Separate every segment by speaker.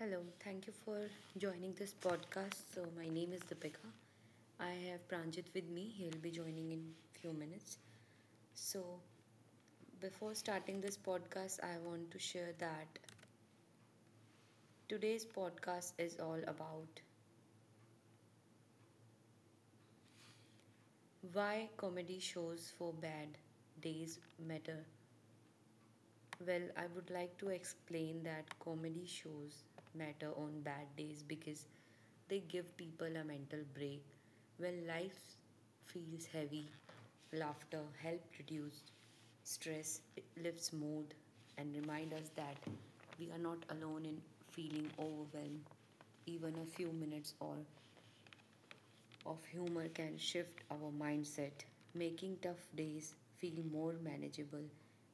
Speaker 1: Hello, thank you for joining this podcast. So my name is Deepika. I have Pranjit with me. He'll be joining in few minutes. So before starting this podcast, I want to share that today's podcast is all about why comedy shows for bad days matter. Well, I would like to explain that comedy shows matter on bad days because they give people a mental break. When life feels heavy, laughter helps reduce stress, it lifts mood, and reminds us that we are not alone in feeling overwhelmed. Even a few minutes or of humor can shift our mindset, making tough days feel more manageable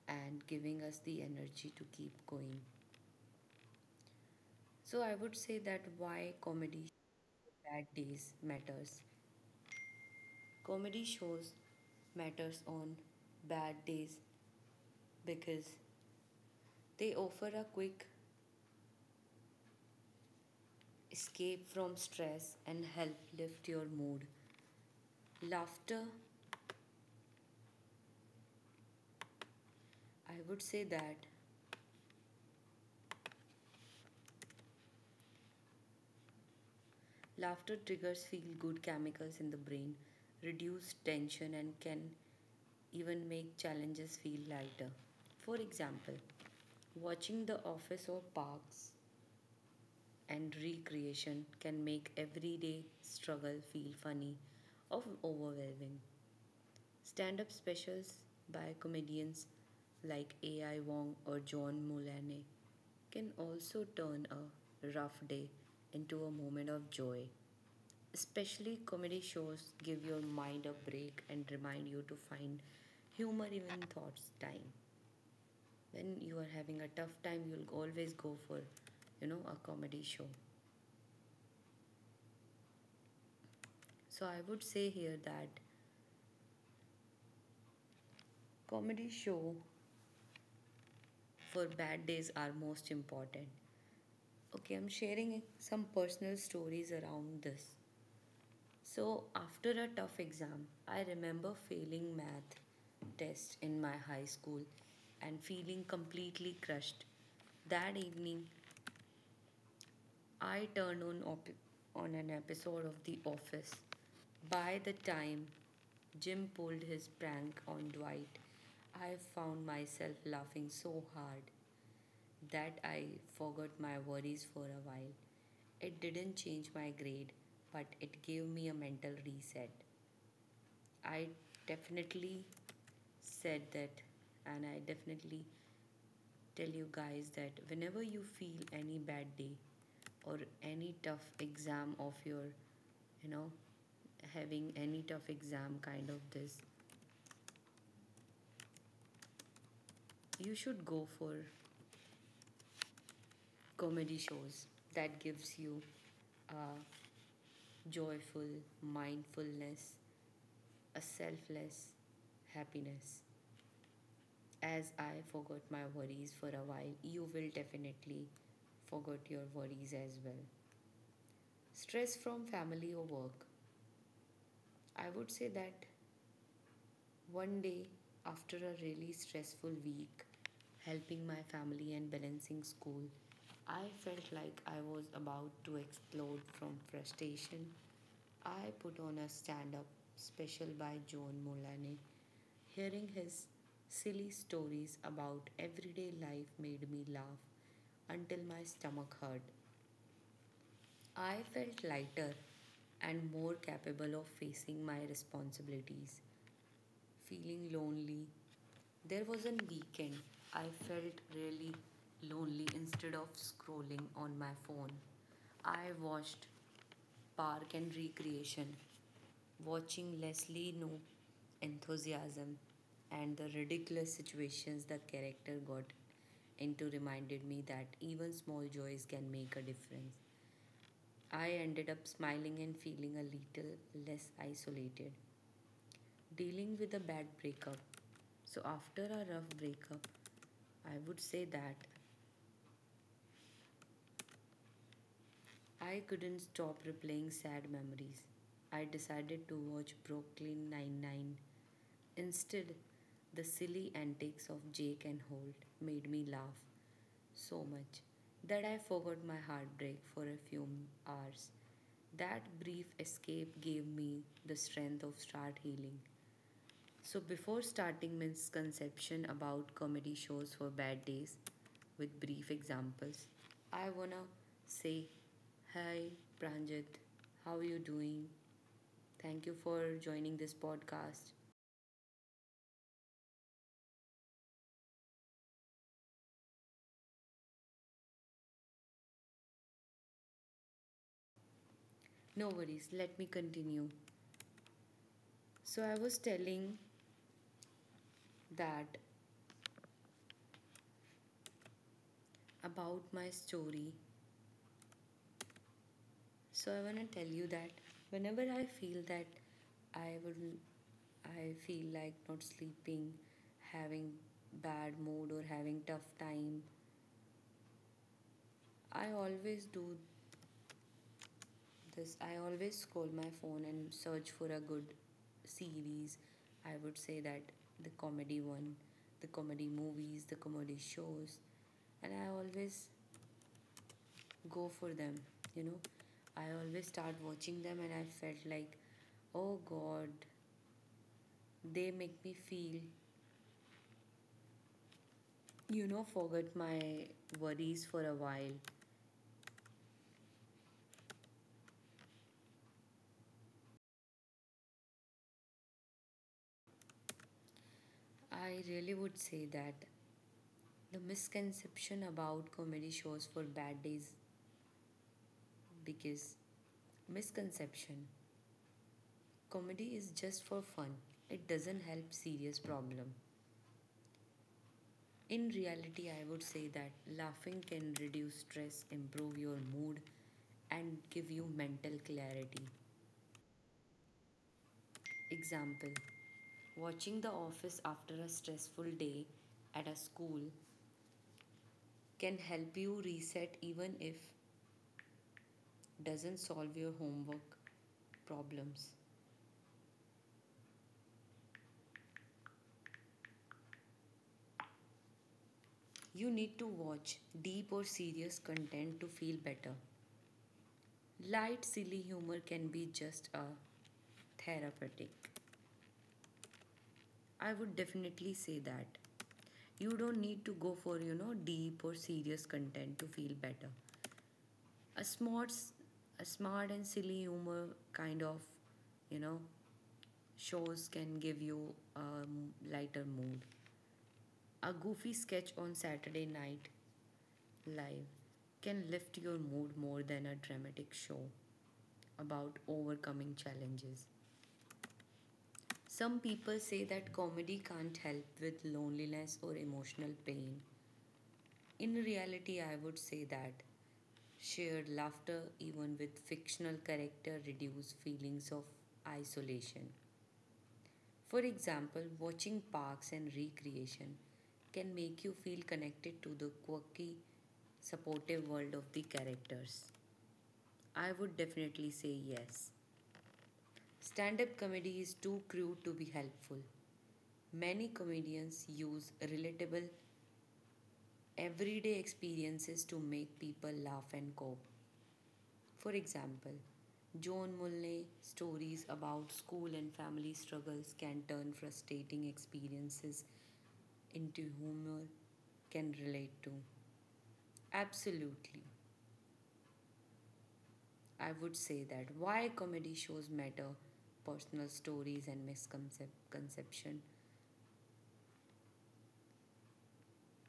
Speaker 1: and giving us the energy to keep going. So, I would say that why comedy bad days matters. Comedy shows matters on bad days because they offer a quick escape from stress and help lift your mood. Laughter, I would say that laughter triggers feel good chemicals in the brain, reduce tension, and can even make challenges feel lighter. For example, watching The Office or Parks and Recreation can make everyday struggle feel funny or overwhelming. Stand up specials by comedians like A.I. Wong or John Mulaney can also turn a rough day into a moment of joy. Especially comedy shows give your mind a break and remind you to find humor even in thoughts time. When you are having a tough time, you'll always go for, a comedy show. So I would say here that comedy show for bad days are most important. Okay, I'm sharing some personal stories around this. So, after a tough exam, I remember failing math test in my high school and feeling completely crushed. That evening, I turned on on an episode of The Office. By the time Jim pulled his prank on Dwight, I found myself laughing so hard that I forgot my worries for a while. It didn't change my grade, but it gave me a mental reset. I definitely said that, and I definitely tell you guys that whenever you feel any bad day or any tough exam of your, you know, having any tough exam kind of this, you should go for comedy shows that gives you a joyful mindfulness, a selfless happiness. As I forgot my worries for a while, you will definitely forget your worries as well. Stress from family or work. I would say that One day, after a really stressful week, helping my family and balancing school, I felt like I was about to explode from frustration. I put on a stand up special by John Mulaney. Hearing his silly stories about everyday life made me laugh until my stomach hurt. I felt lighter and more capable of facing my responsibilities. Feeling lonely, there was a weekend I felt really lonely. Instead of scrolling on my phone, I watched Park and Recreation. Watching Leslie know enthusiasm and the ridiculous situations the character got into reminded me that even small joys can make a difference. I ended up smiling and feeling a little less isolated, dealing with a bad breakup. So after a rough breakup, I would say that I couldn't stop replaying sad memories. I decided to watch Brooklyn Nine-Nine. Instead, the silly antics of Jake and Holt made me laugh so much that I forgot my heartbreak for a few hours. That brief escape gave me the strength of start healing. So, before starting misconception about comedy shows for bad days with brief examples, I wanna say, hi Pranjit, how you doing? Thank you for joining this podcast. No worries, let me continue. So, I was telling that about my story. So I want to tell you that whenever I feel that I would I feel like not sleeping, having bad mood or having tough time, I always do this. I always scroll my phone and search for a good series. I would say that the comedy one, the comedy movies, the comedy shows, and I always go for them, you know. I always start watching them and I felt like, oh god, they make me feel, forget my worries for a while. I really would say that the misconception about comedy shows for bad days because misconception comedy is just for fun. It doesn't help serious problem. In reality, I would say that laughing can reduce stress, improve your mood, and give you mental clarity. Example: watching The Office after a stressful day at a school can help you reset even if doesn't solve your homework problems. You need to watch deep or serious content to feel better. Light silly humor can be just a therapeutic. I would definitely say that. You don't need to go for, deep or serious content to feel better. A smart and silly humor kind of, you know, shows can give you a lighter mood. A goofy sketch on Saturday Night Live can lift your mood more than a dramatic show about overcoming challenges. Some people say that comedy can't help with loneliness or emotional pain. In reality, I would say that shared laughter, even with fictional character, reduces feelings of isolation. For example, watching Parks and Recreation can make you feel connected to the quirky, supportive world of the characters. I would definitely say yes. Stand up comedy is too crude to be helpful. Many comedians use relatable, everyday experiences to make people laugh and cope. For example, John Mulney stories about school and family struggles can turn frustrating experiences into humor can relate to. Absolutely. I would say that why comedy shows matter, personal stories and misconception.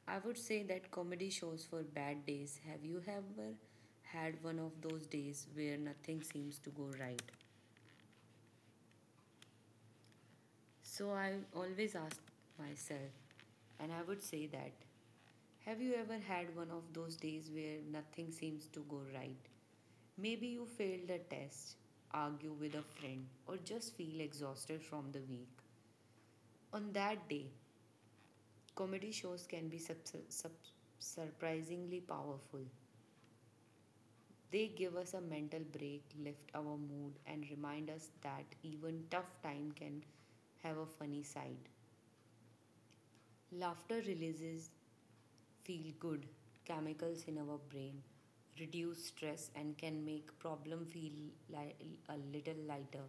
Speaker 1: I would say that comedy shows for bad days. Have you ever had one of those days where nothing seems to go right? So I always ask myself, and I would say that have you ever had one of those days where nothing seems to go right? Maybe you failed a test, argue with a friend, or just feel exhausted from the week. On that day, comedy shows can be surprisingly powerful. They give us a mental break, lift our mood, and remind us that even tough time can have a funny side. Laughter releases feel good chemicals in our brain, reduce stress, and can make problem feel a little lighter.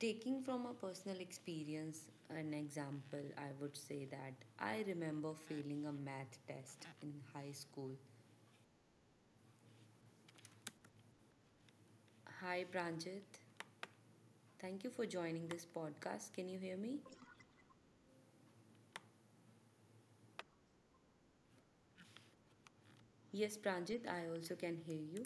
Speaker 1: Taking from a personal experience, an example, I would say that I remember failing a math test in high school. Hi, Pranjit. Thank you for joining this podcast. Can you hear me? Yes, Pranjit, I also can hear you.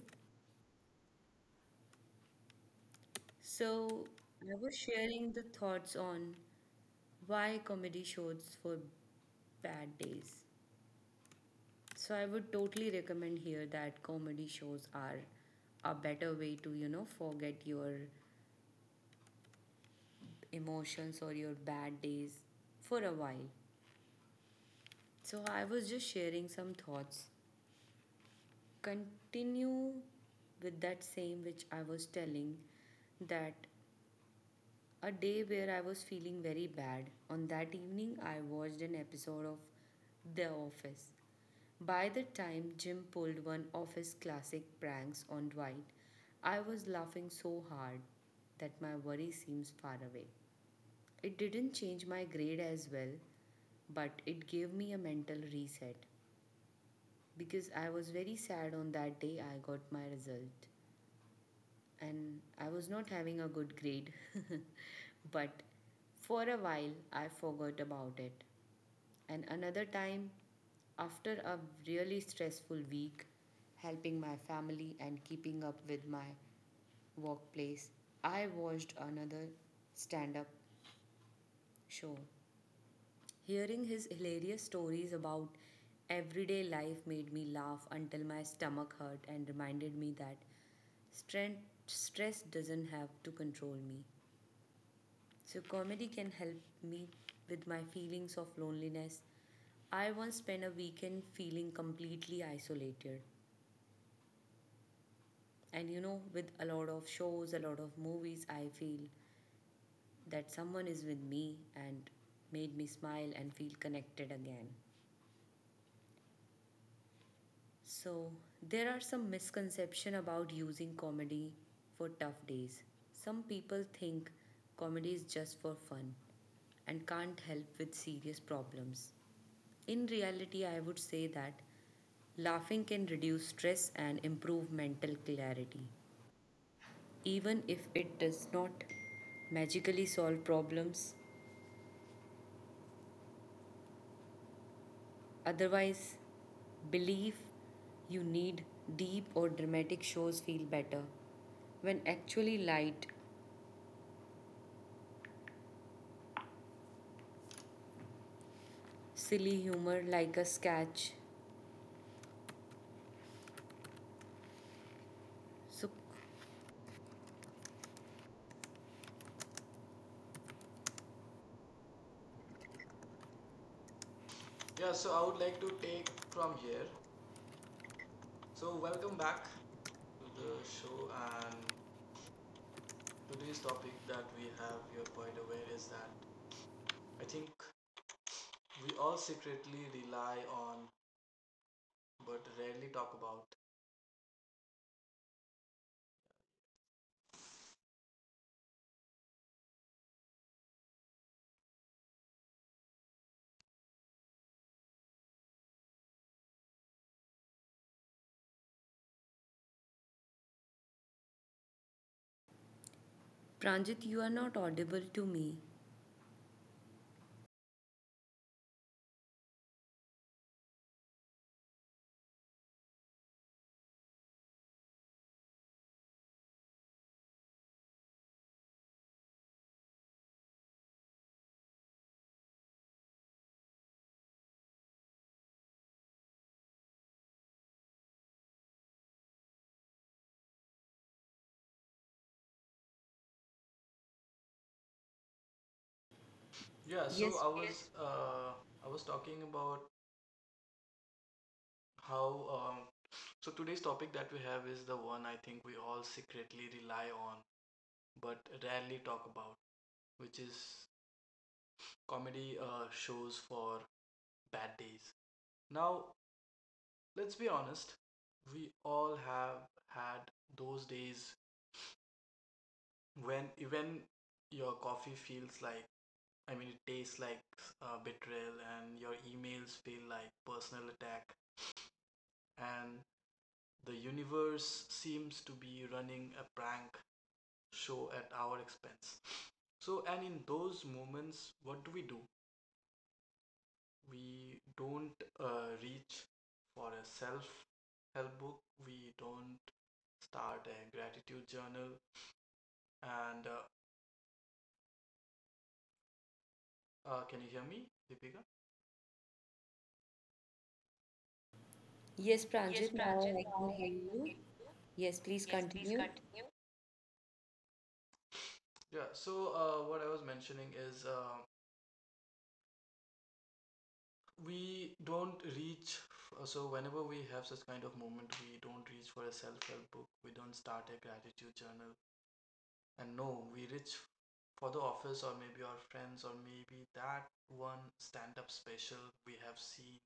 Speaker 1: So, I was sharing the thoughts on why comedy shows for bad days. So, I would totally recommend here that comedy shows are a better way to, forget your emotions or your bad days for a while. So I was just sharing some thoughts. Continue with that same which I was telling that a day where I was feeling very bad, on that evening I watched an episode of The Office. By the time Jim pulled one of his classic pranks on Dwight, I was laughing so hard that my worry seems far away. It didn't change my grade as well, but it gave me a mental reset because I was very sad on that day I got my result and I was not having a good grade. But for a while, I forgot about it. And another time, after a really stressful week, helping my family and keeping up with my workplace, I watched another stand up show. Hearing his hilarious stories about everyday life made me laugh until my stomach hurt and reminded me that strength, stress doesn't have to control me. So, comedy can help me with my feelings of loneliness. I once spent a weekend feeling completely isolated. And you know, with a lot of shows, a lot of movies, I feel that someone is with me and made me smile and feel connected again. So, there are some misconceptions about using comedy for tough days. Some people think comedy is just for fun and can't help with serious problems. In reality, I would say that laughing can reduce stress and improve mental clarity. Even if it does not magically solve problems, otherwise, belief you need deep or dramatic shows feel better. When actually light, silly humor like a sketch. So,
Speaker 2: Yeah, so I would like to take from here. So, welcome back to the show. And today's topic that we have, you're quite aware, is that I think we all secretly rely on but rarely talk about.
Speaker 1: Pranjit, you are not audible to me.
Speaker 2: Yeah, so
Speaker 1: Yes,
Speaker 2: I Yes. was I was talking about how um so Today's topic that we have is the one I think we all secretly rely on but rarely talk about, which is comedy shows for bad days. Now, let's be honest, we all have had those days when even your coffee feels like I mean it tastes like betrayal, and your emails feel like personal attack, and the universe seems to be running a prank show at our expense. So, and in those moments, what do? We don't reach for a self help book, we don't start a gratitude journal. And can you hear me, Deepika?
Speaker 1: yes,
Speaker 2: Yes,
Speaker 1: Pranjit, now
Speaker 2: Pranjit,
Speaker 1: I can
Speaker 2: now
Speaker 1: hear
Speaker 2: I can
Speaker 1: you.
Speaker 2: hear you.
Speaker 1: Yes, please
Speaker 2: Yes, please
Speaker 1: continue.
Speaker 2: continue. Yeah, so what I was mentioning is we don't reach so whenever we have such kind of moment, we don't reach for a self-help book, we don't start a gratitude journal, and no, we reach for the office, or maybe our friends, or maybe that one stand-up special we have seen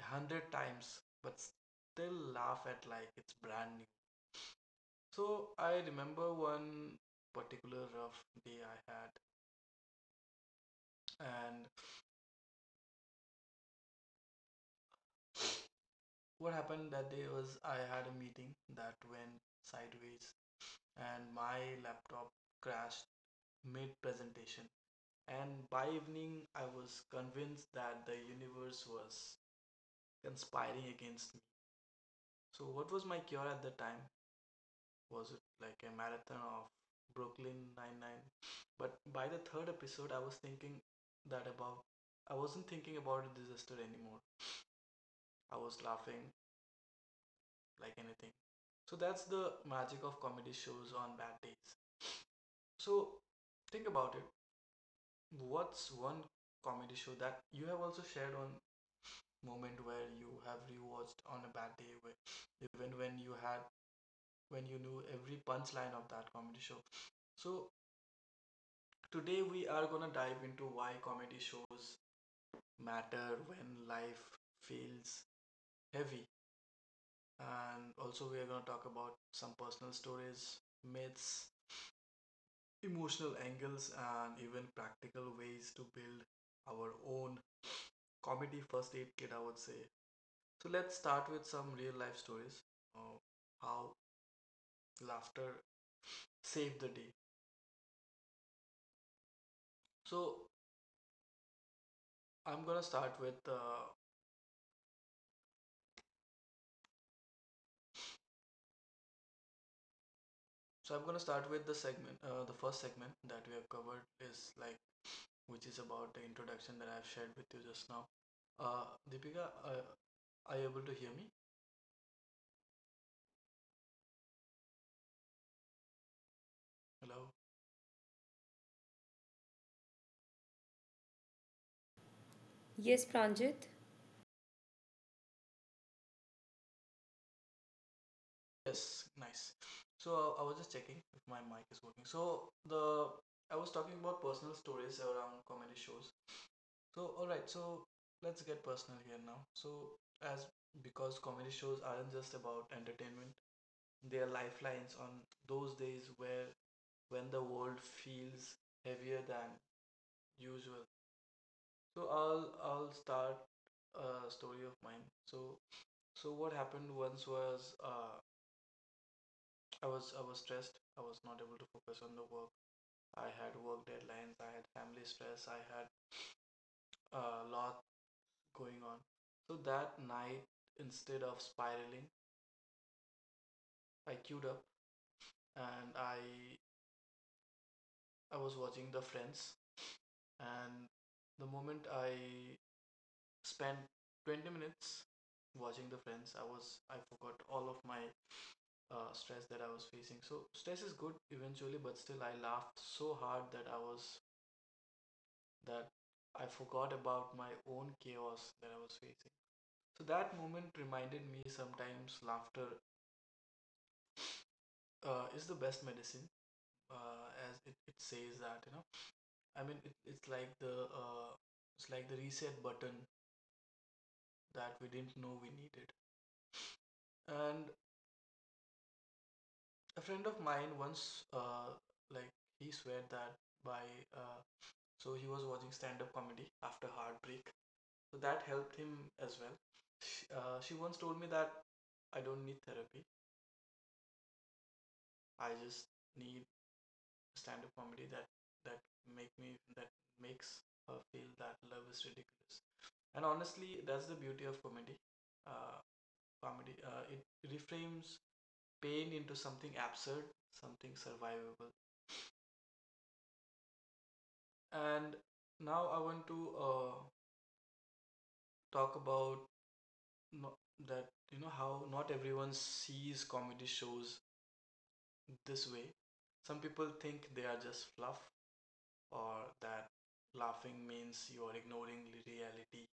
Speaker 2: a 100 times but still laugh at like it's brand new. So I remember one particular rough day I had, and what happened that day was I had a meeting that went sideways and my laptop crashed mid presentation. And by evening, I was convinced that the universe was conspiring against me. So, what was my cure at the time? Was it like a marathon of Brooklyn Nine-Nine? But by the third episode, I was thinking that about I wasn't thinking about a disaster anymore. I was laughing like anything. So that's the magic of comedy shows on bad days. So think about it. What's one comedy show that you have also shared on moment where you have rewatched on a bad day, where, even when you had when you knew every punchline of that comedy show. So today we are gonna dive into why comedy shows matter when life feels heavy, and also we are gonna talk about some personal stories, myths, emotional angles, and even practical ways to build our own comedy first aid kit, I would say. So let's start with some real life stories of how laughter saved the day. So I'm gonna start with the segment. The first segment that we have covered is like which is about the introduction that I've shared with you just now. Uh, Deepika, are you able to hear me? Hello.
Speaker 1: Yes, Pranjit.
Speaker 2: Yes, nice. So I was just checking if my mic is working. So the I was talking about personal stories around comedy shows. So, all right, so let's get personal here now. So, as because comedy shows aren't just about entertainment, they are lifelines on those days where when the world feels heavier than usual. So, I'll start a story of mine. So, what happened once was I was stressed. I was not able to focus on the work. I had work deadlines. I had family stress. I had a lot going on. So that night, instead of spiraling, I queued up and I was watching The Friends, and the moment I spent 20 minutes watching The Friends, I forgot all of my stress that I was facing. So stress is good eventually, but still I laughed so hard that I forgot about my own chaos that I was facing. So that moment reminded me sometimes laughter is the best medicine, as it, it says that you know I mean, it's like the reset button that we didn't know we needed. And a friend of mine once, like he swear that by uh, so he was watching stand-up comedy after heartbreak, so that helped him as well. Sh- she once told me that I don't need therapy. I just need stand-up comedy that make me that makes her feel that love is ridiculous. And honestly, that's the beauty of comedy. Uh, comedy. It reframes pain into something absurd, something survivable. And now I want to talk about no, that you know how not everyone sees comedy shows this way. Some people think they are just fluff, or that laughing means you are ignoring reality.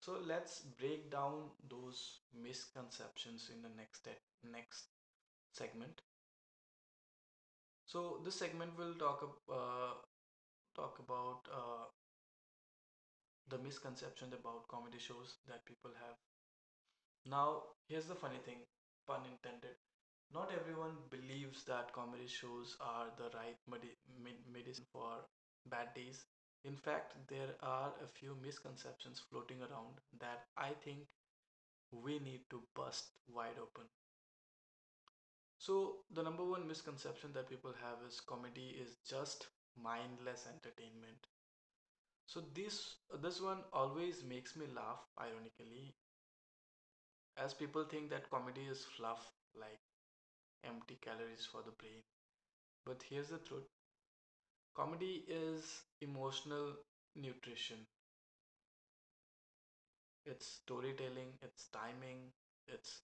Speaker 2: So let's break down those misconceptions in the next segment. So this segment will talk talk about the misconception about comedy shows that people have. Now, here's the funny thing, pun intended. Not everyone believes that comedy shows are the right medicine for bad days. In fact, there are a few misconceptions floating around that I think we need to bust wide open. So, the number one misconception that people have is comedy is just mindless entertainment. So this one always makes me laugh ironically. As people think that comedy is fluff, like empty calories for the brain. But here's the truth, comedy is emotional nutrition, it's storytelling, it's timing, it's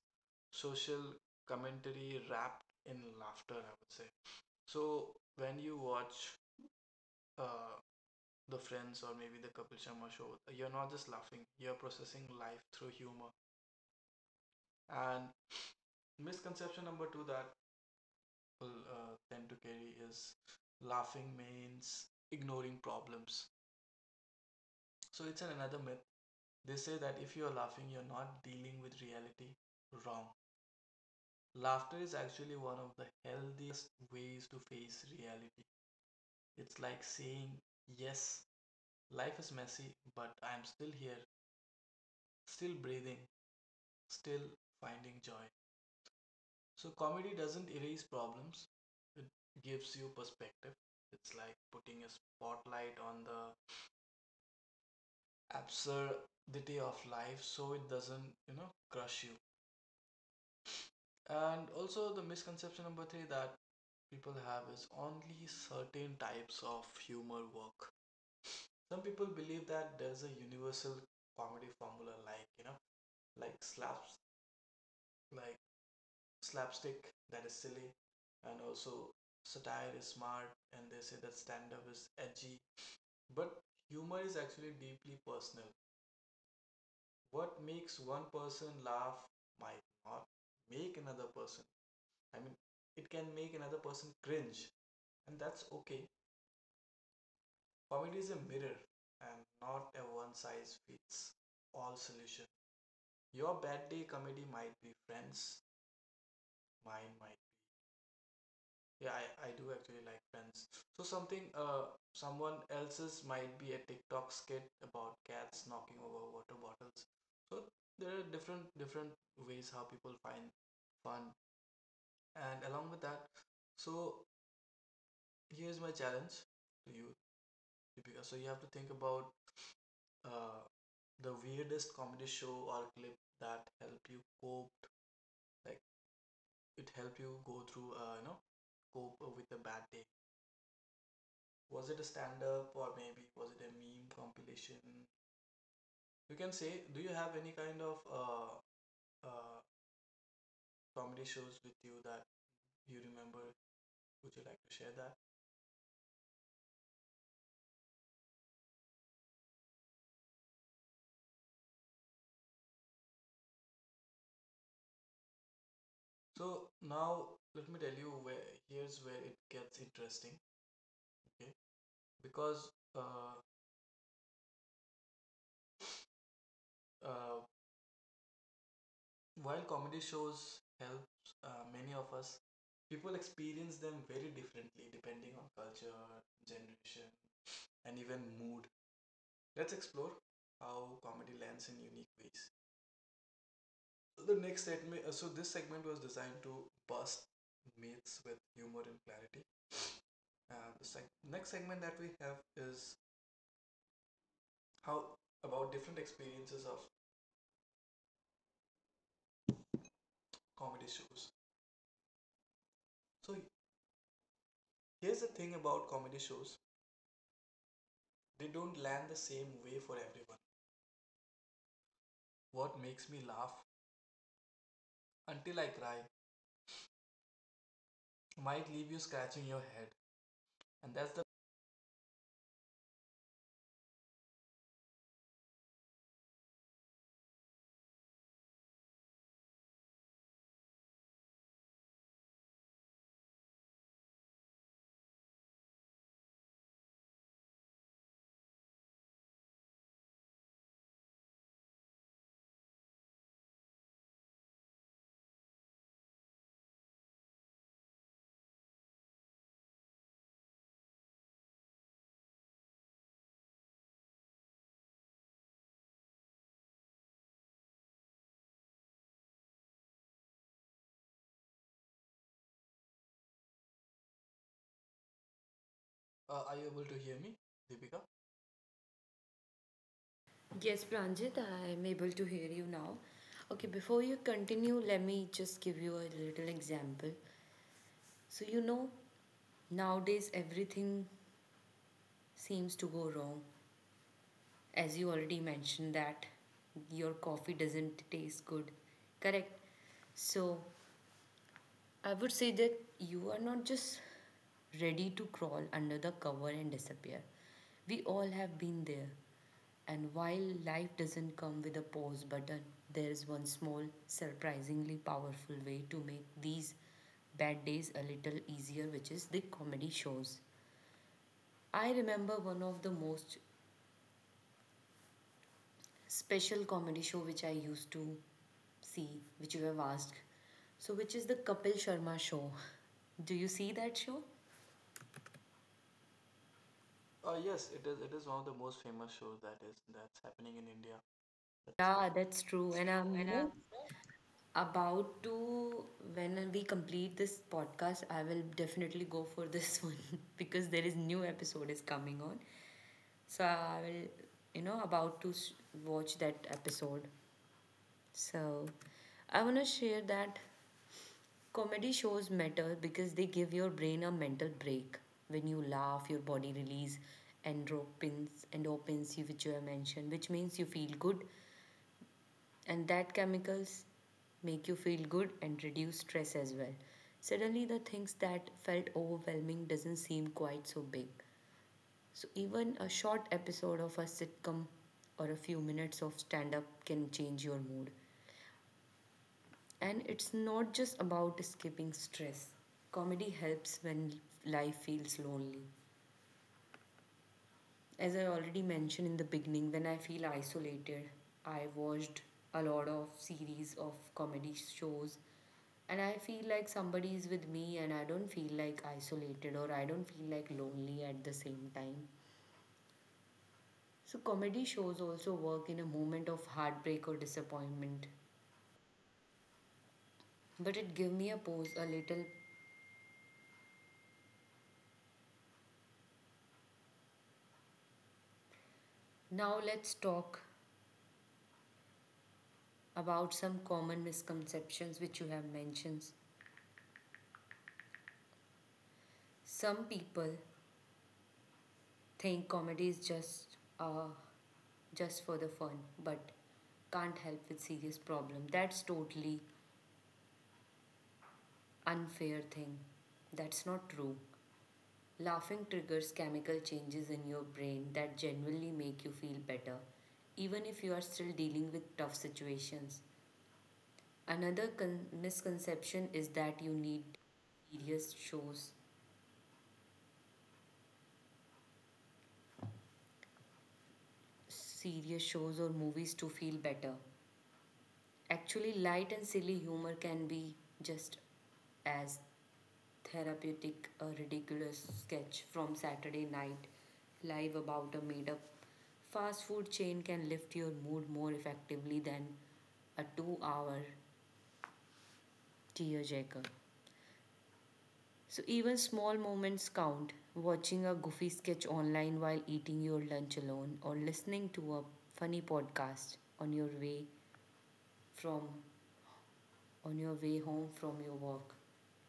Speaker 2: social commentary wrapped in laughter, I would say. So when you watch uh, The Friends or maybe the Kapil Sharma show, you're not just laughing, you're processing life through humor. And misconception number two that people tend to carry is laughing means ignoring problems. So it's an another myth. They say that if you are laughing, you're not dealing with reality. Wrong. Laughter is actually one of the healthiest ways to face reality. It's like saying, yes, life is messy, but I'm still here, still breathing, still finding joy. So, comedy doesn't erase problems, it gives you perspective. It's like putting a spotlight on the absurdity of life so it doesn't you know crush you. And also the misconception number three that people have is only certain types of humor work. Some people believe that there's a universal comedy formula, like you know like slaps like slapstick that is silly, and also satire is smart, and they say that stand up is edgy, but humor is actually deeply personal. What makes one person laugh might not make another person I mean it can make another person cringe, and that's okay. Comedy is a mirror and not a one size fits all solution. Your bad day comedy might be Friends, mine might yeah I do actually like Friends, so something someone else's might be a TikTok skit about cats knocking over water bottles. So there are different ways how people find fun. And along with that, so here's my challenge to you, Deepika. So you have to think about uh, the weirdest comedy show or clip that help you cope, like it helped you go through, you know, cope with a bad day. Was it a stand-up, or maybe was it a meme compilation? You can say, do you have any kind of uh, comedy shows with you that you remember? Would you like to share that? So now let me tell you where here's where it gets interesting. Okay. Because uh, uh, while comedy shows help many of us, people experience them very differently depending on culture, generation, and even mood. Let's explore how comedy lands in unique ways. The next segment, so this segment was designed to bust myths with humor and clarity. The seg- next segment that we have is how about different experiences of comedy shows. So here's the thing about comedy shows. They don't land the same way for everyone. What makes me laugh until I cry might leave you scratching your head. And that's the. Are you able to hear me, Deepika?
Speaker 1: Yes, Pranjit, I am able to hear you now. Okay, before you continue, let me just give you a little example. So, you know, nowadays everything seems to go wrong, as you already mentioned that your coffee doesn't taste good. Correct. So, I would say that you are not just ready to crawl under the cover and disappear. We all have been there. And while life doesn't come with a pause button, there is one small, surprisingly powerful way to make these bad days a little easier, which is the comedy shows. I remember one of the most special comedy show which I used to see, which you have asked. So, which is the Kapil Sharma show? Do you see that show?
Speaker 2: Yes, it is. It is one of the most famous shows that is that's happening in India. That's
Speaker 1: Yeah, that's true.
Speaker 2: It's
Speaker 1: And
Speaker 2: true, and
Speaker 1: about to, when we complete this podcast, I will definitely go for this one because there is new episode is coming on. So, I will, you know, about to s- watch that episode. So, I want to share that comedy shows matter because they give your brain a mental break. When you laugh, your body release endorphins, which you have mentioned, which means you feel good, and that chemicals make you feel good and reduce stress as well. Suddenly, the things that felt overwhelming doesn't seem quite so big. So even a short episode of a sitcom or a few minutes of stand-up can change your mood. And it's not just about escaping stress. Comedy helps when life feels lonely. As I already mentioned in the beginning, when I feel isolated, I watched a lot of series of comedy shows and I feel like somebody is with me and I don't feel like isolated or I don't feel like lonely at the same time. So comedy shows also work in a moment of heartbreak or disappointment. But it gave me a pause a little. Now let's talk about some common misconceptions which you have mentioned. Some people think comedy is just for the fun, but can't help with serious problem. That's totally unfair thing. That's not true. Laughing triggers chemical changes in your brain that genuinely make you feel better, even if you are still dealing with tough situations. Another misconception is that you need serious shows serious shows or movies to feel better. Actually, light and silly humor can be just as therapeutic. A ridiculous sketch from Saturday Night Live about a made up fast food chain can lift your mood more effectively than a 2 hour tearjerker. So, even small moments count. Watching a goofy sketch online while eating your lunch alone, or listening to a funny podcast on your way from on your way home from your work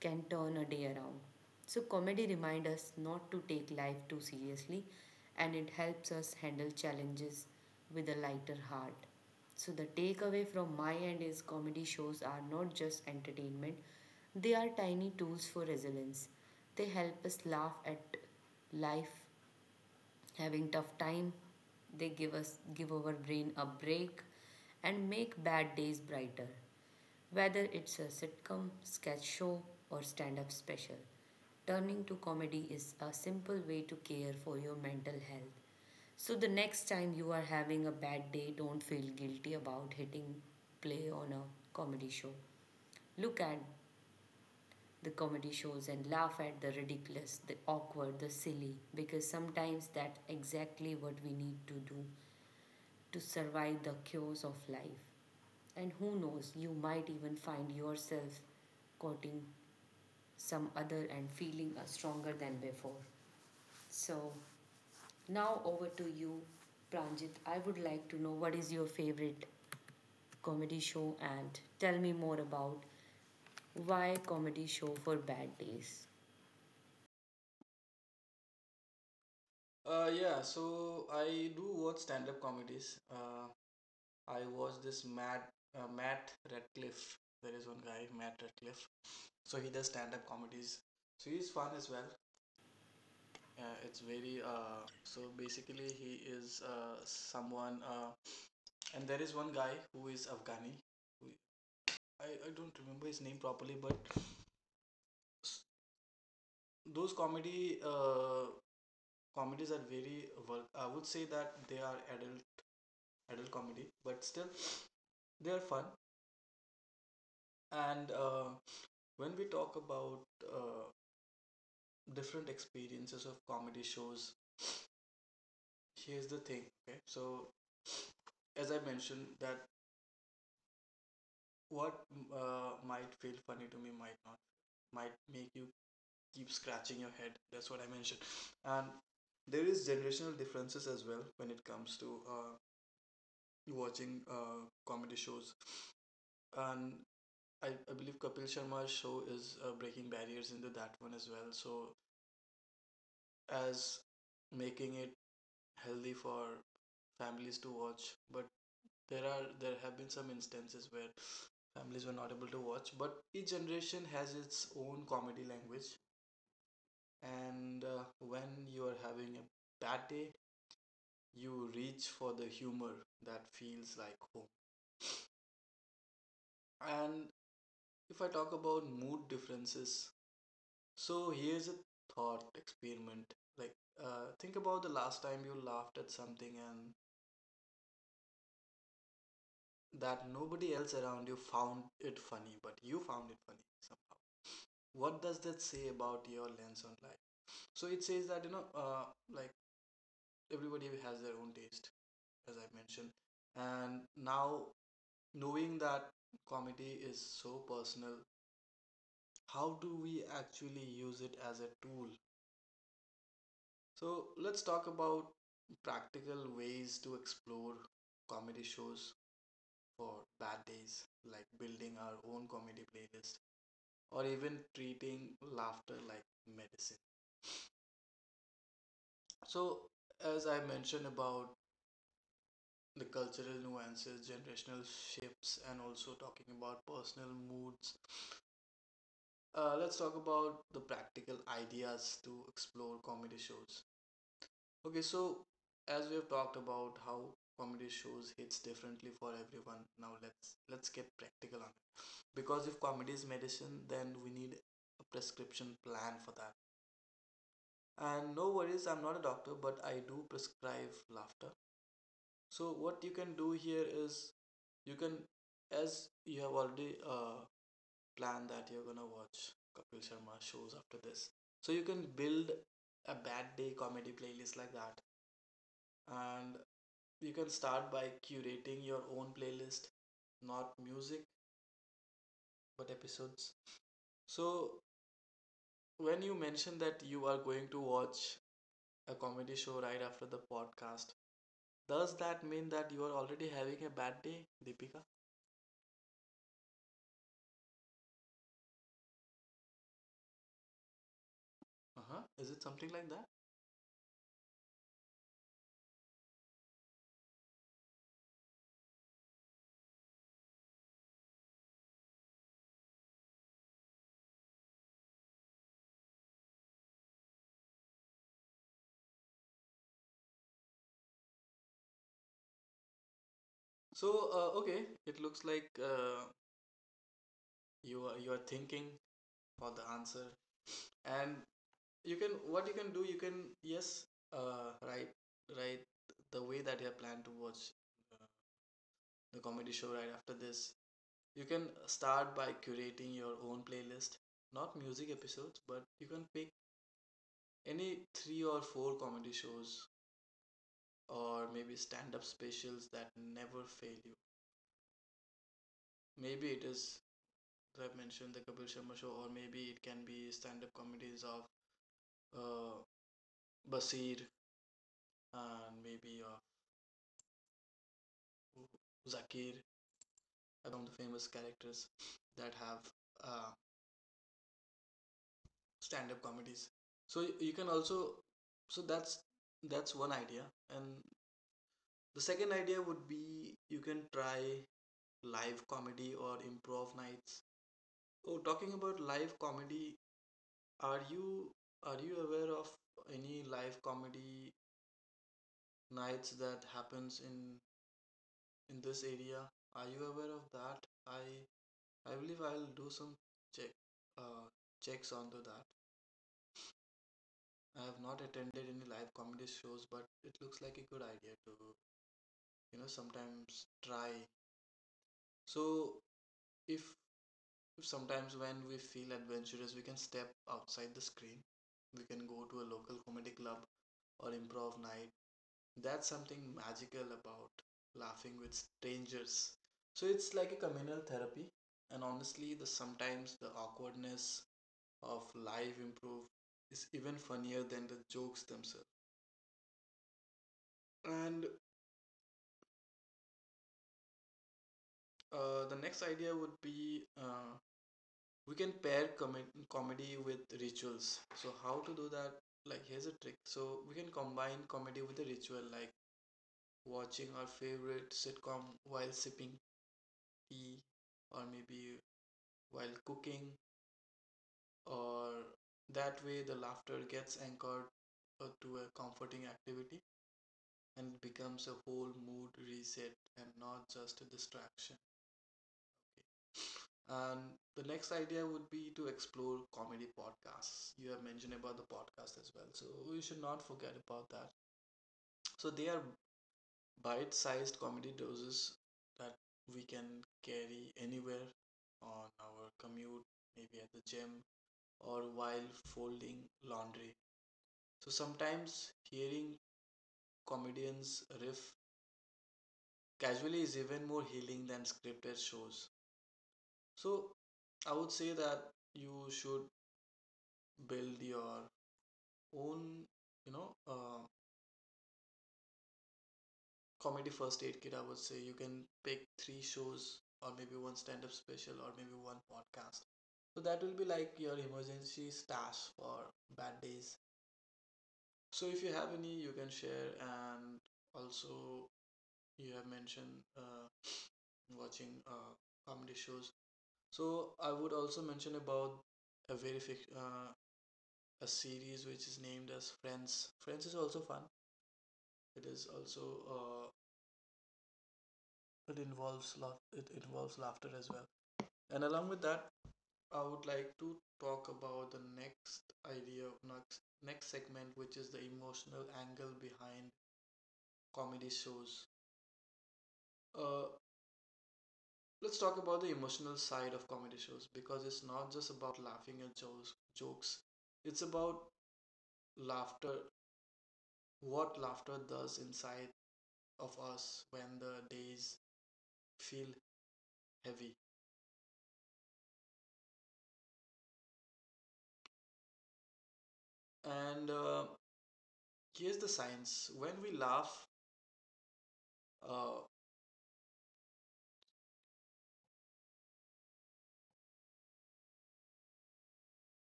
Speaker 1: can turn a day around. So, comedy reminds us not to take life too seriously and it helps us handle challenges with a lighter heart. So, the takeaway from my end is comedy shows are not just entertainment, they are tiny tools for resilience. They help us laugh at life having tough time. They give our brain a break and make bad days brighter. Whether it's a sitcom, sketch show, or stand up special, turning to comedy is a simple way to care for your mental health. So, the next time you are having a bad day, don't feel guilty about hitting play on a comedy show. Look at the comedy shows and laugh at the ridiculous, the awkward, the silly, because sometimes that's exactly what we need to do to survive the chaos of life. And who knows, you might even find yourself quoting some other and feeling are stronger than before. So now over to you, Pranjit. I would like to know what is your favorite comedy show and tell me more about why comedy show for bad days.
Speaker 2: Yeah, so I do watch stand-up comedies. I watch this Matt Radcliffe. There is one guy, Matt Radcliffe. So he does stand-up comedies. So he's fun as well. Yeah, it's very, so basically he is someone, and there is one guy who is Afghani who, I don't remember his name properly, but s- those comedy comedies are very I would say that they are adult comedy, but still they are fun. And when we talk about uh different experiences of comedy shows, here's the thing. Okay, so as I mentioned, that what might feel funny to me might not, might make you keep scratching your head. That's what I mentioned. And there is generational differences as well when it comes to watching comedy shows, and I believe Kapil Sharma's show is breaking barriers into that one as well, so as making it healthy for families to watch, but there have been some instances where families were not able to watch. But each generation has its own comedy language, and when you are having a bad day, you reach for the humor that feels like home. And if I talk about mood differences, so here's a thought experiment, like, think about the last time you laughed at something and that nobody else around you found it funny, but you found it funny. What does that say about your lens on life? So it says that, you know, like, everybody has their own taste, as I mentioned. And now, knowing that comedy is so personal, how do we actually use it as a tool? So let's talk about practical ways to explore comedy shows for bad days, like building our own comedy playlist, or even treating laughter like medicine. So, as I mentioned, about the cultural nuances, generational shifts, and also talking about personal moods. Let's talk about the practical ideas to explore comedy shows. Okay, so as we have talked about how comedy shows hits differently for everyone, now let's get practical on it. Because if comedy is medicine, then we need a prescription plan for that. And no worries, I'm not a doctor, but I do prescribe laughter. So what you can do here is, you can, as you have already planned that you're gonna watch Kapil Sharma shows after this. So you can build a bad day comedy playlist like that, and you can start by curating your own playlist, not music but episodes. So when you mention that you are going to watch a comedy show right after the podcast, does that mean that you are already having a bad day, Deepika? Uh huh. Is it something like that? So, okay, it looks like you are thinking for the answer, and you can, what you can do, you can, yes, uh, write write the way that you plan to watch uh, the comedy show right after this. You can start by curating your own playlist, not music episodes, but you can pick any three or four comedy shows, or maybe stand-up specials that never fail you. Maybe it is that I've mentioned, the Kapil Sharma show, or maybe it can be stand-up comedies of uh, Basir, and maybe of Zakir. I of the famous characters that have uh, stand-up comedies. So you can also, so that's one idea, and the second idea would be you can try live comedy or improv nights. Oh, talking about live comedy, are you are you aware of any live comedy nights that happens in this area? Are you aware of that? I believe I'll do some check uh checks onto that. I have not attended any live comedy shows, but it looks like a good idea to, you know, sometimes try. So if Sometimes when we feel adventurous, we can step outside the screen. We can go to a local comedy club or improv night. That's something magical about laughing with strangers. So it's like a communal therapy. And honestly, the sometimes the awkwardness of live improv is even funnier than the jokes themselves. And the next idea would be, we can pair comedy with rituals. So how to do that? Like, here's a trick. So we can combine comedy with a ritual, like watching our favorite sitcom while sipping tea, or maybe while cooking. Or that way the laughter gets anchored to a comforting activity and becomes a whole mood reset, and not just a distraction. And the next idea would be to explore comedy podcasts. You have mentioned about the podcast as well, so we should not forget about that. So they are bite-sized comedy doses that we can carry anywhere on our commute, maybe at the gym or while folding laundry. So sometimes hearing comedians riff casually is even more healing than scripted shows. So I would say that you should build your own, you know, comedy first aid kit. I would say you can pick three shows, or maybe one stand-up special, or maybe one podcast. So that will be like your emergency stash for bad days. So if you have any, you can share. And also, you have mentioned watching comedy shows. So I would also mention about a very a series which is named as Friends. Friends is also fun. It is also uh, it involves laugh it involves laughter as well, and along with that, I would like to talk about the next idea of next segment, which is the emotional angle behind comedy shows. uh let's talk about the emotional side of comedy shows, because it's not just about laughing at jokes, it's about laughter, what laughter does inside of us when the days feel heavy. And here's the science. When we laugh, uh,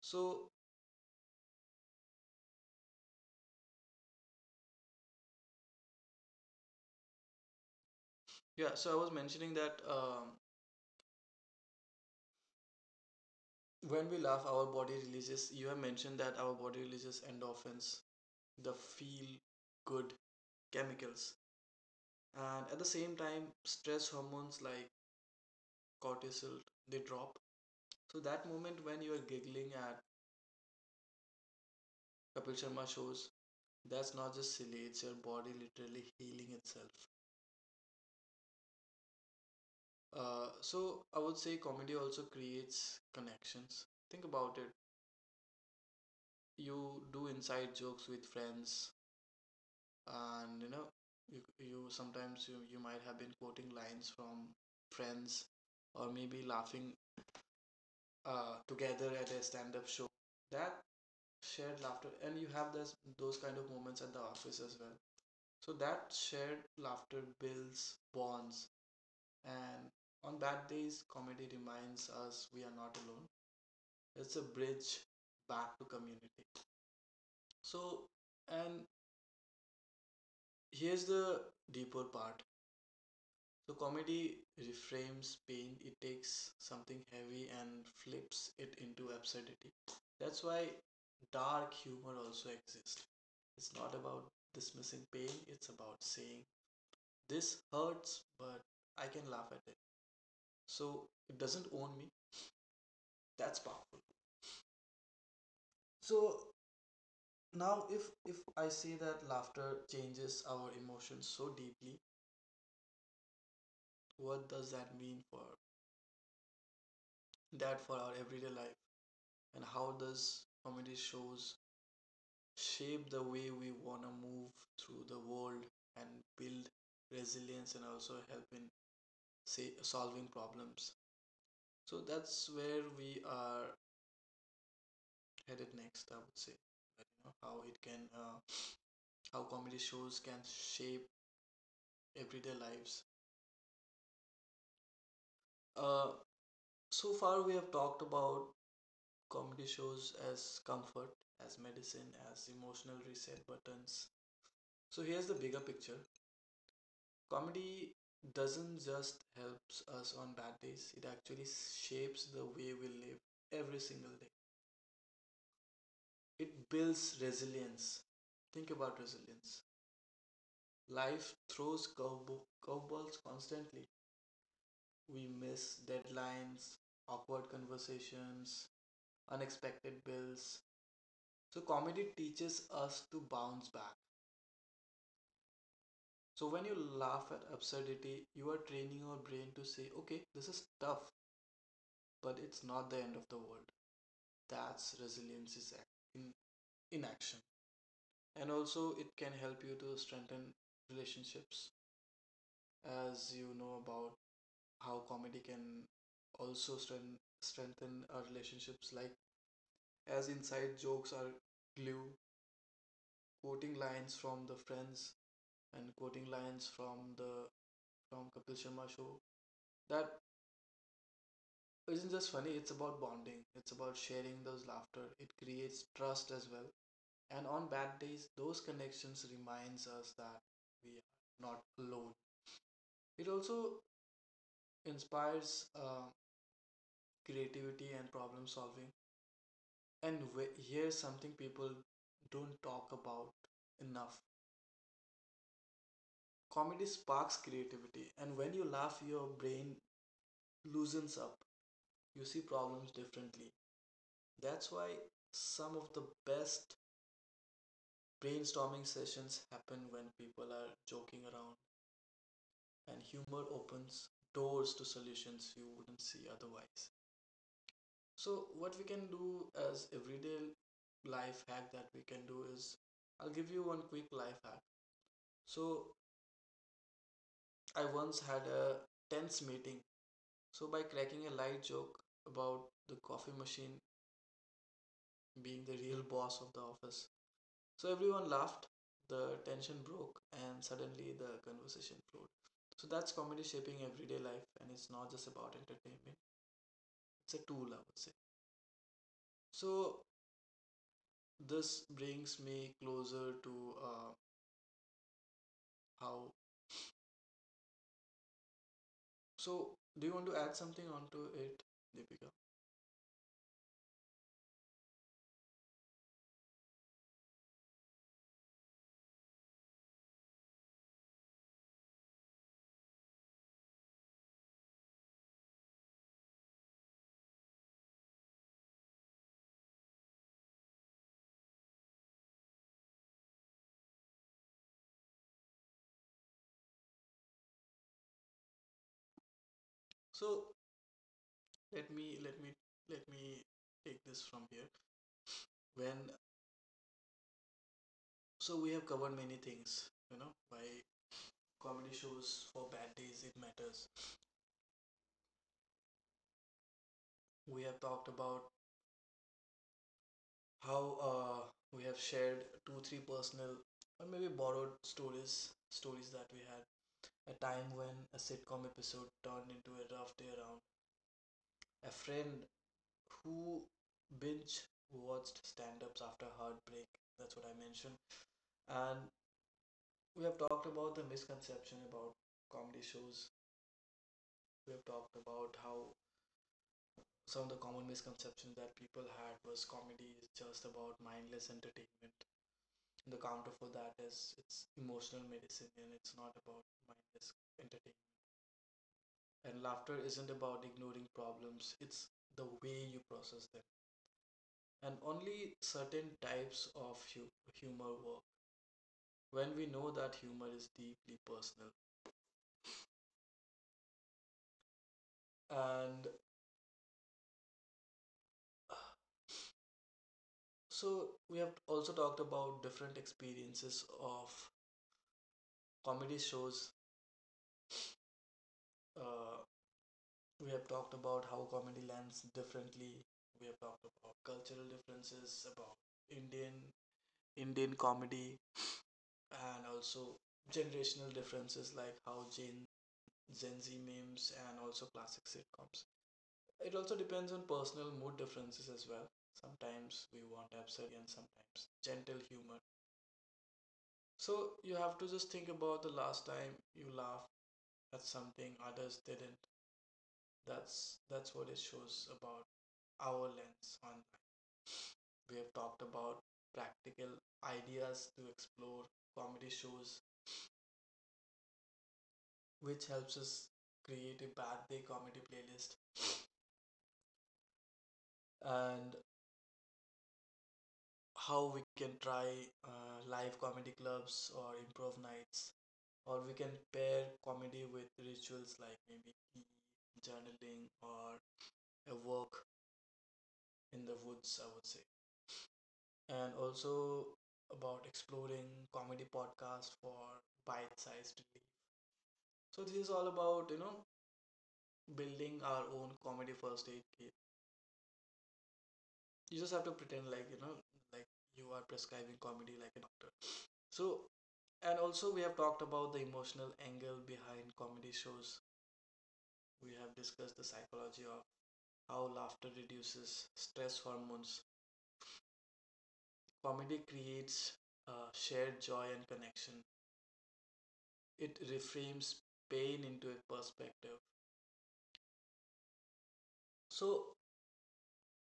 Speaker 2: so, yeah, so I was mentioning that, when we laugh, our body releases, you have mentioned that our body releases endorphins, the feel good chemicals. And at the same time, stress hormones like cortisol, they drop. So that moment when you are giggling at Kapil Sharma shows, that's not just silly, it's your body literally healing itself. So I would say comedy also creates connections. Think about it. You do inside jokes with friends, and you know, you sometimes you might have been quoting lines from Friends, or maybe laughing together at a stand-up show, that shared laughter, and you have this those kind of moments at the office as well. So that shared laughter builds bonds, and on bad days, comedy reminds us we are not alone. It's a bridge back to community. So, and here's the deeper part. So comedy reframes pain, it takes something heavy and flips it into absurdity. That's why dark humor also exists. It's not about dismissing pain, it's about saying, "This hurts, but I can laugh at it. So it doesn't own me." That's powerful. So now, if I say that laughter changes our emotions so deeply, what does that mean for that for our everyday life? And how does comedy shows shape the way we want to move through the world and build resilience, and also help in, say, solving problems? So that's where we are headed next. I would say that, you know, how it can how comedy shows can shape everyday lives. uh, so far we have talked about comedy shows as comfort, as medicine, as emotional reset buttons. So here's the bigger picture. Comedy doesn't just helps us on bad days, it actually shapes the way we live every single day. It builds resilience. Think about resilience. Life throws curveballs constantly. We miss deadlines, awkward conversations, unexpected bills. So, comedy teaches us to bounce back. So, when you laugh at absurdity, you are training your brain to say, "Okay, this is tough, but it's not the end of the world." That's resilience in action. And also, it can help you to strengthen relationships, as you know, about how comedy can also strengthen our relationships, like, as inside jokes are glue, quoting lines from the Friends, and quoting lines from the from Kapil Sharma show. That isn't just funny, it's about bonding, it's about sharing those laughter, it creates trust as well. And on bad days, those connections reminds us that we are not alone. It also inspires creativity and problem solving. And here's something people don't talk about enough. Comedy sparks creativity, and when you laugh, your brain loosens up. You see problems differently. That's why some of the best brainstorming sessions happen when people are joking around, and humor opens doors to solutions you wouldn't see otherwise. So, what we can do as everyday life hack that we can do is, I'll give you one quick life hack. So, I once had a tense meeting. So, by cracking a light joke about the coffee machine being the real boss of the office, so everyone laughed, the tension broke, and suddenly the conversation flowed. So, that's comedy shaping everyday life, and it's not just about entertainment, it's a tool, I would say. So this brings me closer to how. So do you want to add something onto it, Deepika? So let me let me let me take this from here. When so we have covered many things, you know, why comedy shows for bad days it matters. We have talked about how, we have shared two three personal, or maybe borrowed stories, that we had. A time when a sitcom episode turned into a rough day, around a friend who binge watched stand ups after heartbreak. That's what I mentioned. And we have talked about the misconception about comedy shows. We have talked about how some of the common misconceptions that people had was comedy is just about mindless entertainment. The counter for that is it's emotional medicine and it's not about mindless entertainment. And laughter isn't about ignoring problems, it's the way you process them. And only certain types of humor work when we know that humor is deeply personal. And uh, so we have also talked about different experiences of comedy shows. Uh, we have talked about how comedy lands differently. We have talked about cultural differences, about Indian Indian comedy, and also generational differences like how Gen Z memes and also classic sitcoms. It also depends on personal mood differences as well. Sometimes we want absurdity and sometimes gentle humor. So you have to just think about the last time you laughed at something others didn't. That's what it shows about our lens on life. We have talked about practical ideas to explore comedy shows, which helps us create a bad day comedy playlist and how we can try live comedy clubs or improv nights, or we can pair comedy with rituals like maybe tea, journaling or a walk in the woods, I would say, and also about exploring comedy podcasts for bite-sized relief. So this is all about, you know, building our own comedy first aid kit. You just have to pretend like, you know, like you are prescribing comedy like a doctor. So and also, we have talked about the emotional angle behind comedy shows. We have discussed the psychology of how laughter reduces stress hormones. Comedy creates shared joy and connection. It reframes pain into a perspective. So,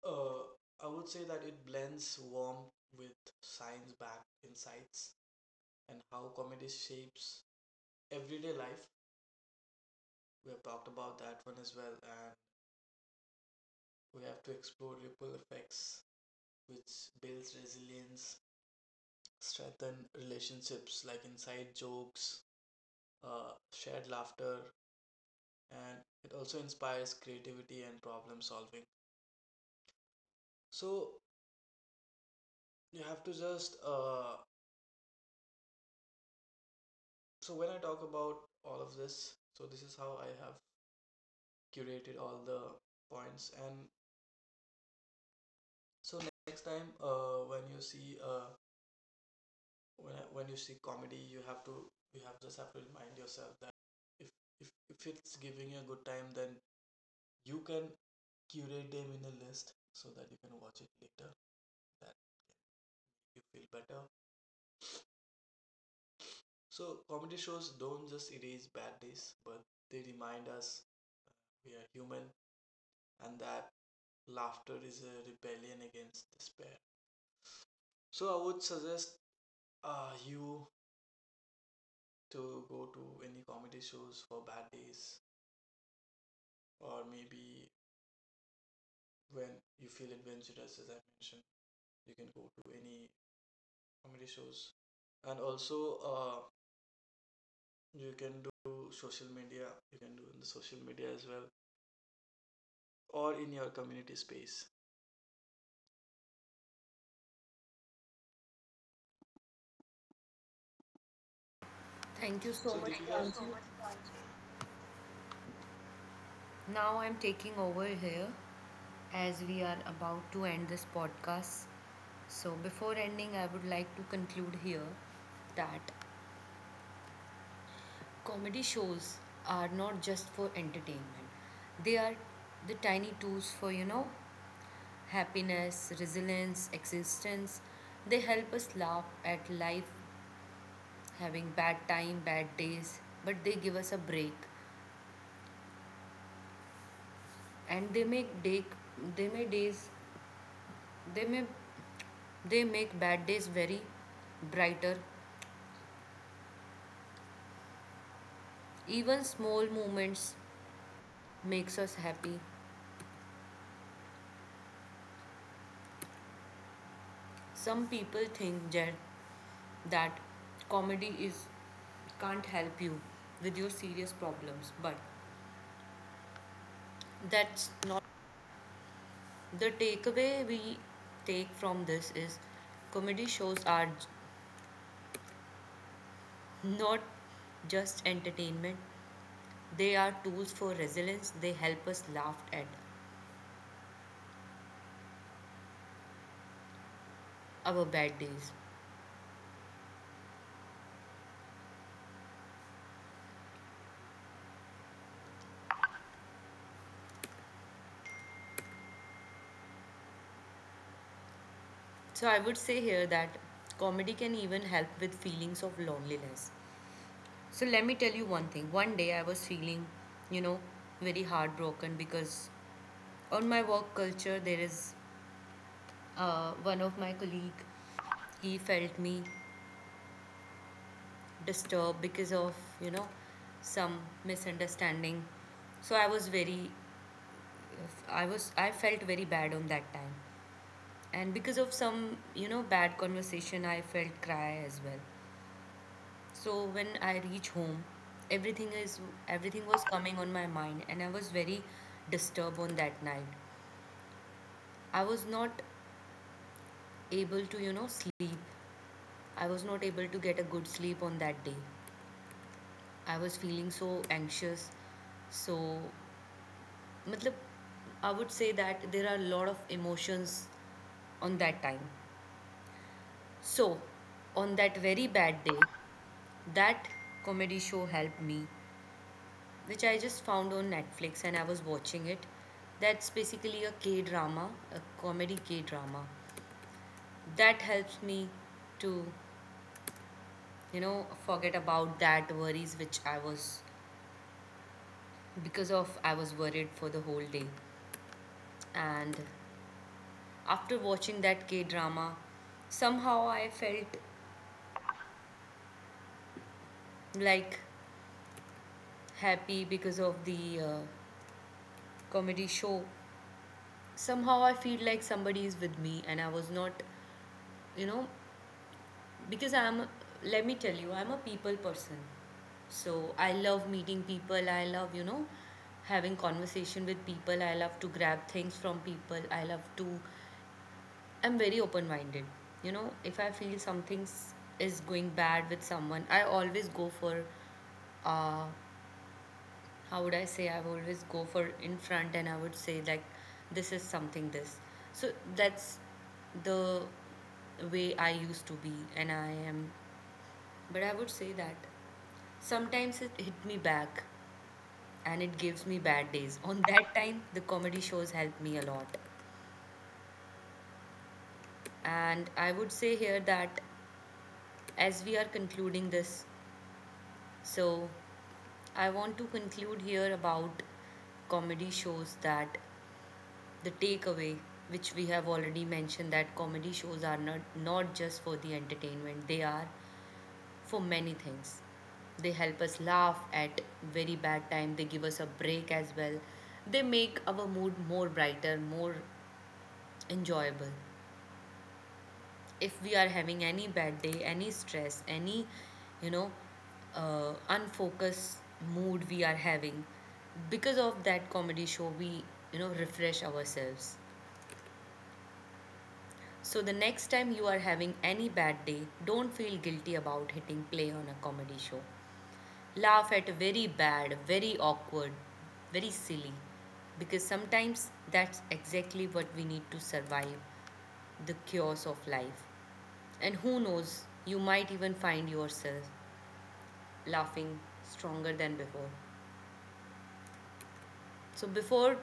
Speaker 2: uh, I would say that it blends warmth with science backed insights and how comedy shapes everyday life. We have talked about that one as well, and we have to explore ripple effects, which builds resilience, strengthen relationships like inside jokes, shared laughter, and it also inspires creativity and problem solving. So you have to just when I talk about all of this, so this is how I have curated all the points. And so next time, when you see comedy, you have to you have just have to remind yourself that if if it's giving you a good time, then you can curate them in a list so that you can watch it later, that you feel better. So comedy shows don't just erase bad days, but they remind us we are human and that laughter is a rebellion against despair. So I would suggest you to go to any comedy shows for bad days, or maybe when you feel adventurous, as I mentioned, you can go to any comedy shows. And also you can do social media, you can do in the social media as well, or in your community space.
Speaker 1: Thank you so
Speaker 2: So
Speaker 1: much,
Speaker 2: Deepika,
Speaker 1: Pranjit.
Speaker 2: yeah.
Speaker 1: Now I'm taking over here as we are about to end this podcast. So, before ending, I would like to conclude here that comedy shows are not just for entertainment. They are the tiny tools for, happiness, resilience, existence. They help us laugh at life, having bad time, bad days, but they give us a break and they make days they may they make bad days very brighter. Even small moments makes us happy. Some people think that comedy is can't help you with your serious problems, but that's not the takeaway we take from this is comedy shows are not just entertainment, they are tools for resilience, they help us laugh at our bad days. So I would say here that comedy can even help with feelings of loneliness. So let me tell you one thing, one day I was feeling, you know very heartbroken, because on my work culture there is one of my colleague, he felt me disturbed because of, you know some misunderstanding. So I was very I felt very bad on that time, and because of some, bad conversation, I felt cry as well. So when I reach home, everything is everything was coming on my mind and I was very disturbed. On that night, I was not able to, sleep. I was not able to get a good sleep on that day. I was feeling so anxious. So, matlab, I would say that there are a lot of emotions on that time. So, on that very bad day, that comedy show helped me, which I just found on Netflix and I was watching it. That's basically a K drama, a comedy K drama. That helps me to, forget about that worries which I was because of I was worried for the whole day. And after watching that K drama, somehow I felt like happy because of the comedy show. Somehow I feel like somebody is with me, and I was not, you know, because I'm, let me tell you, I'm a people person. So I love meeting people, I love, having conversation with people, I love to grab things from people, I'm very open minded. You know, if I feel something's is going bad with someone, I always go for, uh, how would I say, I would always go for in front and I would say, like, this is something this. So that's the way I used to be, and I am. But I would say that sometimes it hit me back and it gives me bad days. On that time, the comedy shows help me a lot. And I would say here that as we are concluding this, so I want to conclude here about comedy shows that the takeaway which we have already mentioned, that comedy shows are not just for the entertainment, they are for many things, they help us laugh at very bad time, they give us a break as well, they make our mood more brighter, more enjoyable. If we are having any bad day, any stress, any, you know unfocused mood we are having, because of that comedy show we, refresh ourselves. So, the next time you are having any bad day, don't feel guilty about hitting play on a comedy show. Laugh at very bad, very awkward, very silly, because sometimes that's exactly what we need to survive the chaos of life. And who knows, you might even find yourself laughing stronger than before. So, before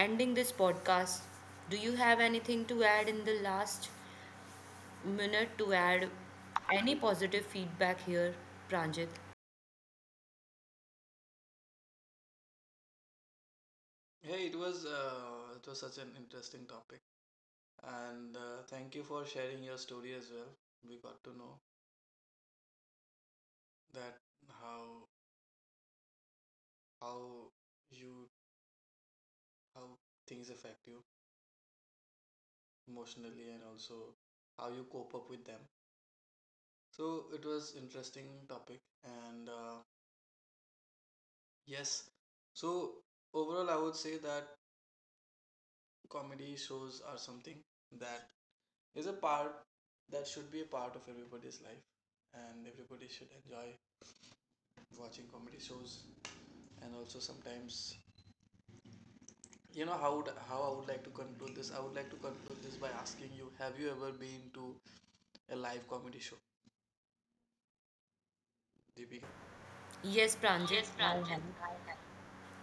Speaker 1: ending this podcast, do you have anything to add in the last minute, to add any positive feedback here, Pranjit.
Speaker 2: Hey, it was such an interesting topic, and thank you for sharing your story as well. We got to know that how how you how things affect you emotionally and also how you cope up with them. So it was interesting topic, and yes, so overall I would say that comedy shows are something that is a part that should be a part of everybody's life, and everybody should enjoy watching comedy shows, and also, sometimes, you know, how I would like to conclude this. I would like to conclude this by asking you: have you ever been to a live comedy show, Deepika?
Speaker 1: Yes, Pranjit,
Speaker 2: Yes,
Speaker 1: I have.
Speaker 2: Pranjit, I have.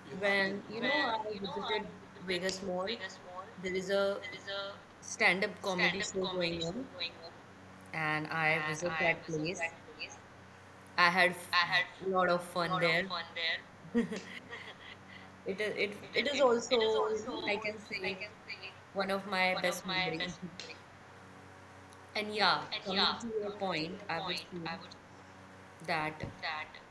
Speaker 2: You have been.
Speaker 1: When, you
Speaker 2: Okay.
Speaker 1: know,
Speaker 2: When
Speaker 1: I
Speaker 2: Okay. You know, I
Speaker 1: visited
Speaker 2: visited
Speaker 1: Vegas Mall,
Speaker 2: Vegas Mall,
Speaker 1: there is a
Speaker 2: there is a
Speaker 1: stand-up comedy
Speaker 2: stand-up
Speaker 1: show
Speaker 2: comedy
Speaker 1: going
Speaker 2: show
Speaker 1: on,
Speaker 2: going on,
Speaker 1: and I
Speaker 2: and
Speaker 1: visited
Speaker 2: I
Speaker 1: that
Speaker 2: visited
Speaker 1: place.
Speaker 2: that place.
Speaker 1: I had
Speaker 2: I had
Speaker 1: a lot of
Speaker 2: a
Speaker 1: fun
Speaker 2: lot of
Speaker 1: there.
Speaker 2: fun there. it Okay. It
Speaker 1: It
Speaker 2: is
Speaker 1: is
Speaker 2: it it is
Speaker 1: also, you
Speaker 2: also,
Speaker 1: know, I
Speaker 2: you
Speaker 1: can
Speaker 2: know, I
Speaker 1: say
Speaker 2: can say
Speaker 1: one of my
Speaker 2: one of
Speaker 1: best
Speaker 2: my
Speaker 1: memories.
Speaker 2: best memories.
Speaker 1: And
Speaker 2: No,
Speaker 1: yeah,
Speaker 2: And nice. Yeah,
Speaker 1: coming to your
Speaker 2: coming to
Speaker 1: point,
Speaker 2: your
Speaker 1: I would
Speaker 2: point,
Speaker 1: say
Speaker 2: I would
Speaker 1: that
Speaker 2: that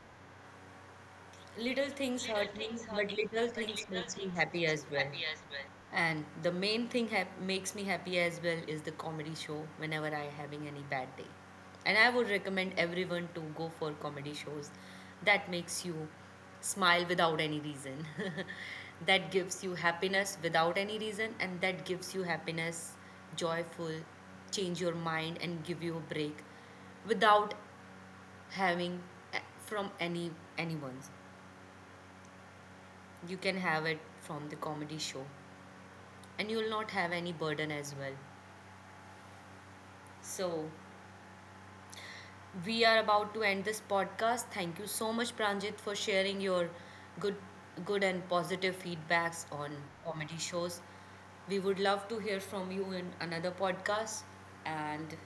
Speaker 1: little things
Speaker 2: little
Speaker 1: hurt me,
Speaker 2: things hurt
Speaker 1: but
Speaker 2: me,
Speaker 1: little
Speaker 2: but
Speaker 1: things
Speaker 2: little
Speaker 1: makes me
Speaker 2: things
Speaker 1: happy
Speaker 2: makes me
Speaker 1: as well.
Speaker 2: happy as well.
Speaker 1: And the main thing makes me happy as well is the comedy show whenever I having any bad day. And I would recommend everyone to go for comedy shows that makes you smile without any reason. That gives you happiness without any reason, and that gives you happiness joyful, change your mind and give you a break without having from any anyone, you can have it from the comedy show and you'll not have any burden as well. So, we are about to end this podcast. Thank you so much Pranjit for sharing your good good and positive feedbacks on comedy shows. We would love to hear from you in another podcast and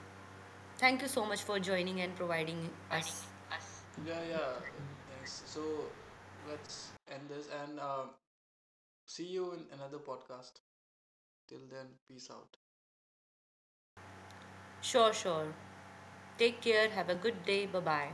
Speaker 1: thank you so much for joining and providing us.
Speaker 2: Providing us. Yeah, yeah. Thanks. So let's end this and see you in another podcast. Till then, peace out.
Speaker 1: Sure, sure. Take care. Have a good day. Bye bye.